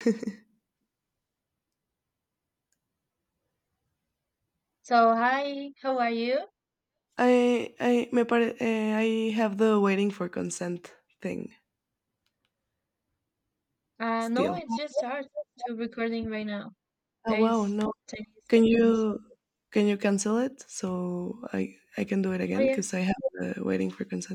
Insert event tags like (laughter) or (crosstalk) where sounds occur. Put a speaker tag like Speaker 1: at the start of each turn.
Speaker 1: (laughs)
Speaker 2: So, hi, how are you?
Speaker 1: I me pare I have the waiting for consent thing
Speaker 2: No,
Speaker 1: still.
Speaker 2: it's just start to recording right now.
Speaker 1: Oh
Speaker 2: There
Speaker 1: wow,
Speaker 2: is
Speaker 1: no.
Speaker 2: 20
Speaker 1: Can
Speaker 2: seconds.
Speaker 1: you can you cancel it so I can do it
Speaker 2: Oh,
Speaker 1: again
Speaker 2: yeah.
Speaker 1: because I have the waiting for consent.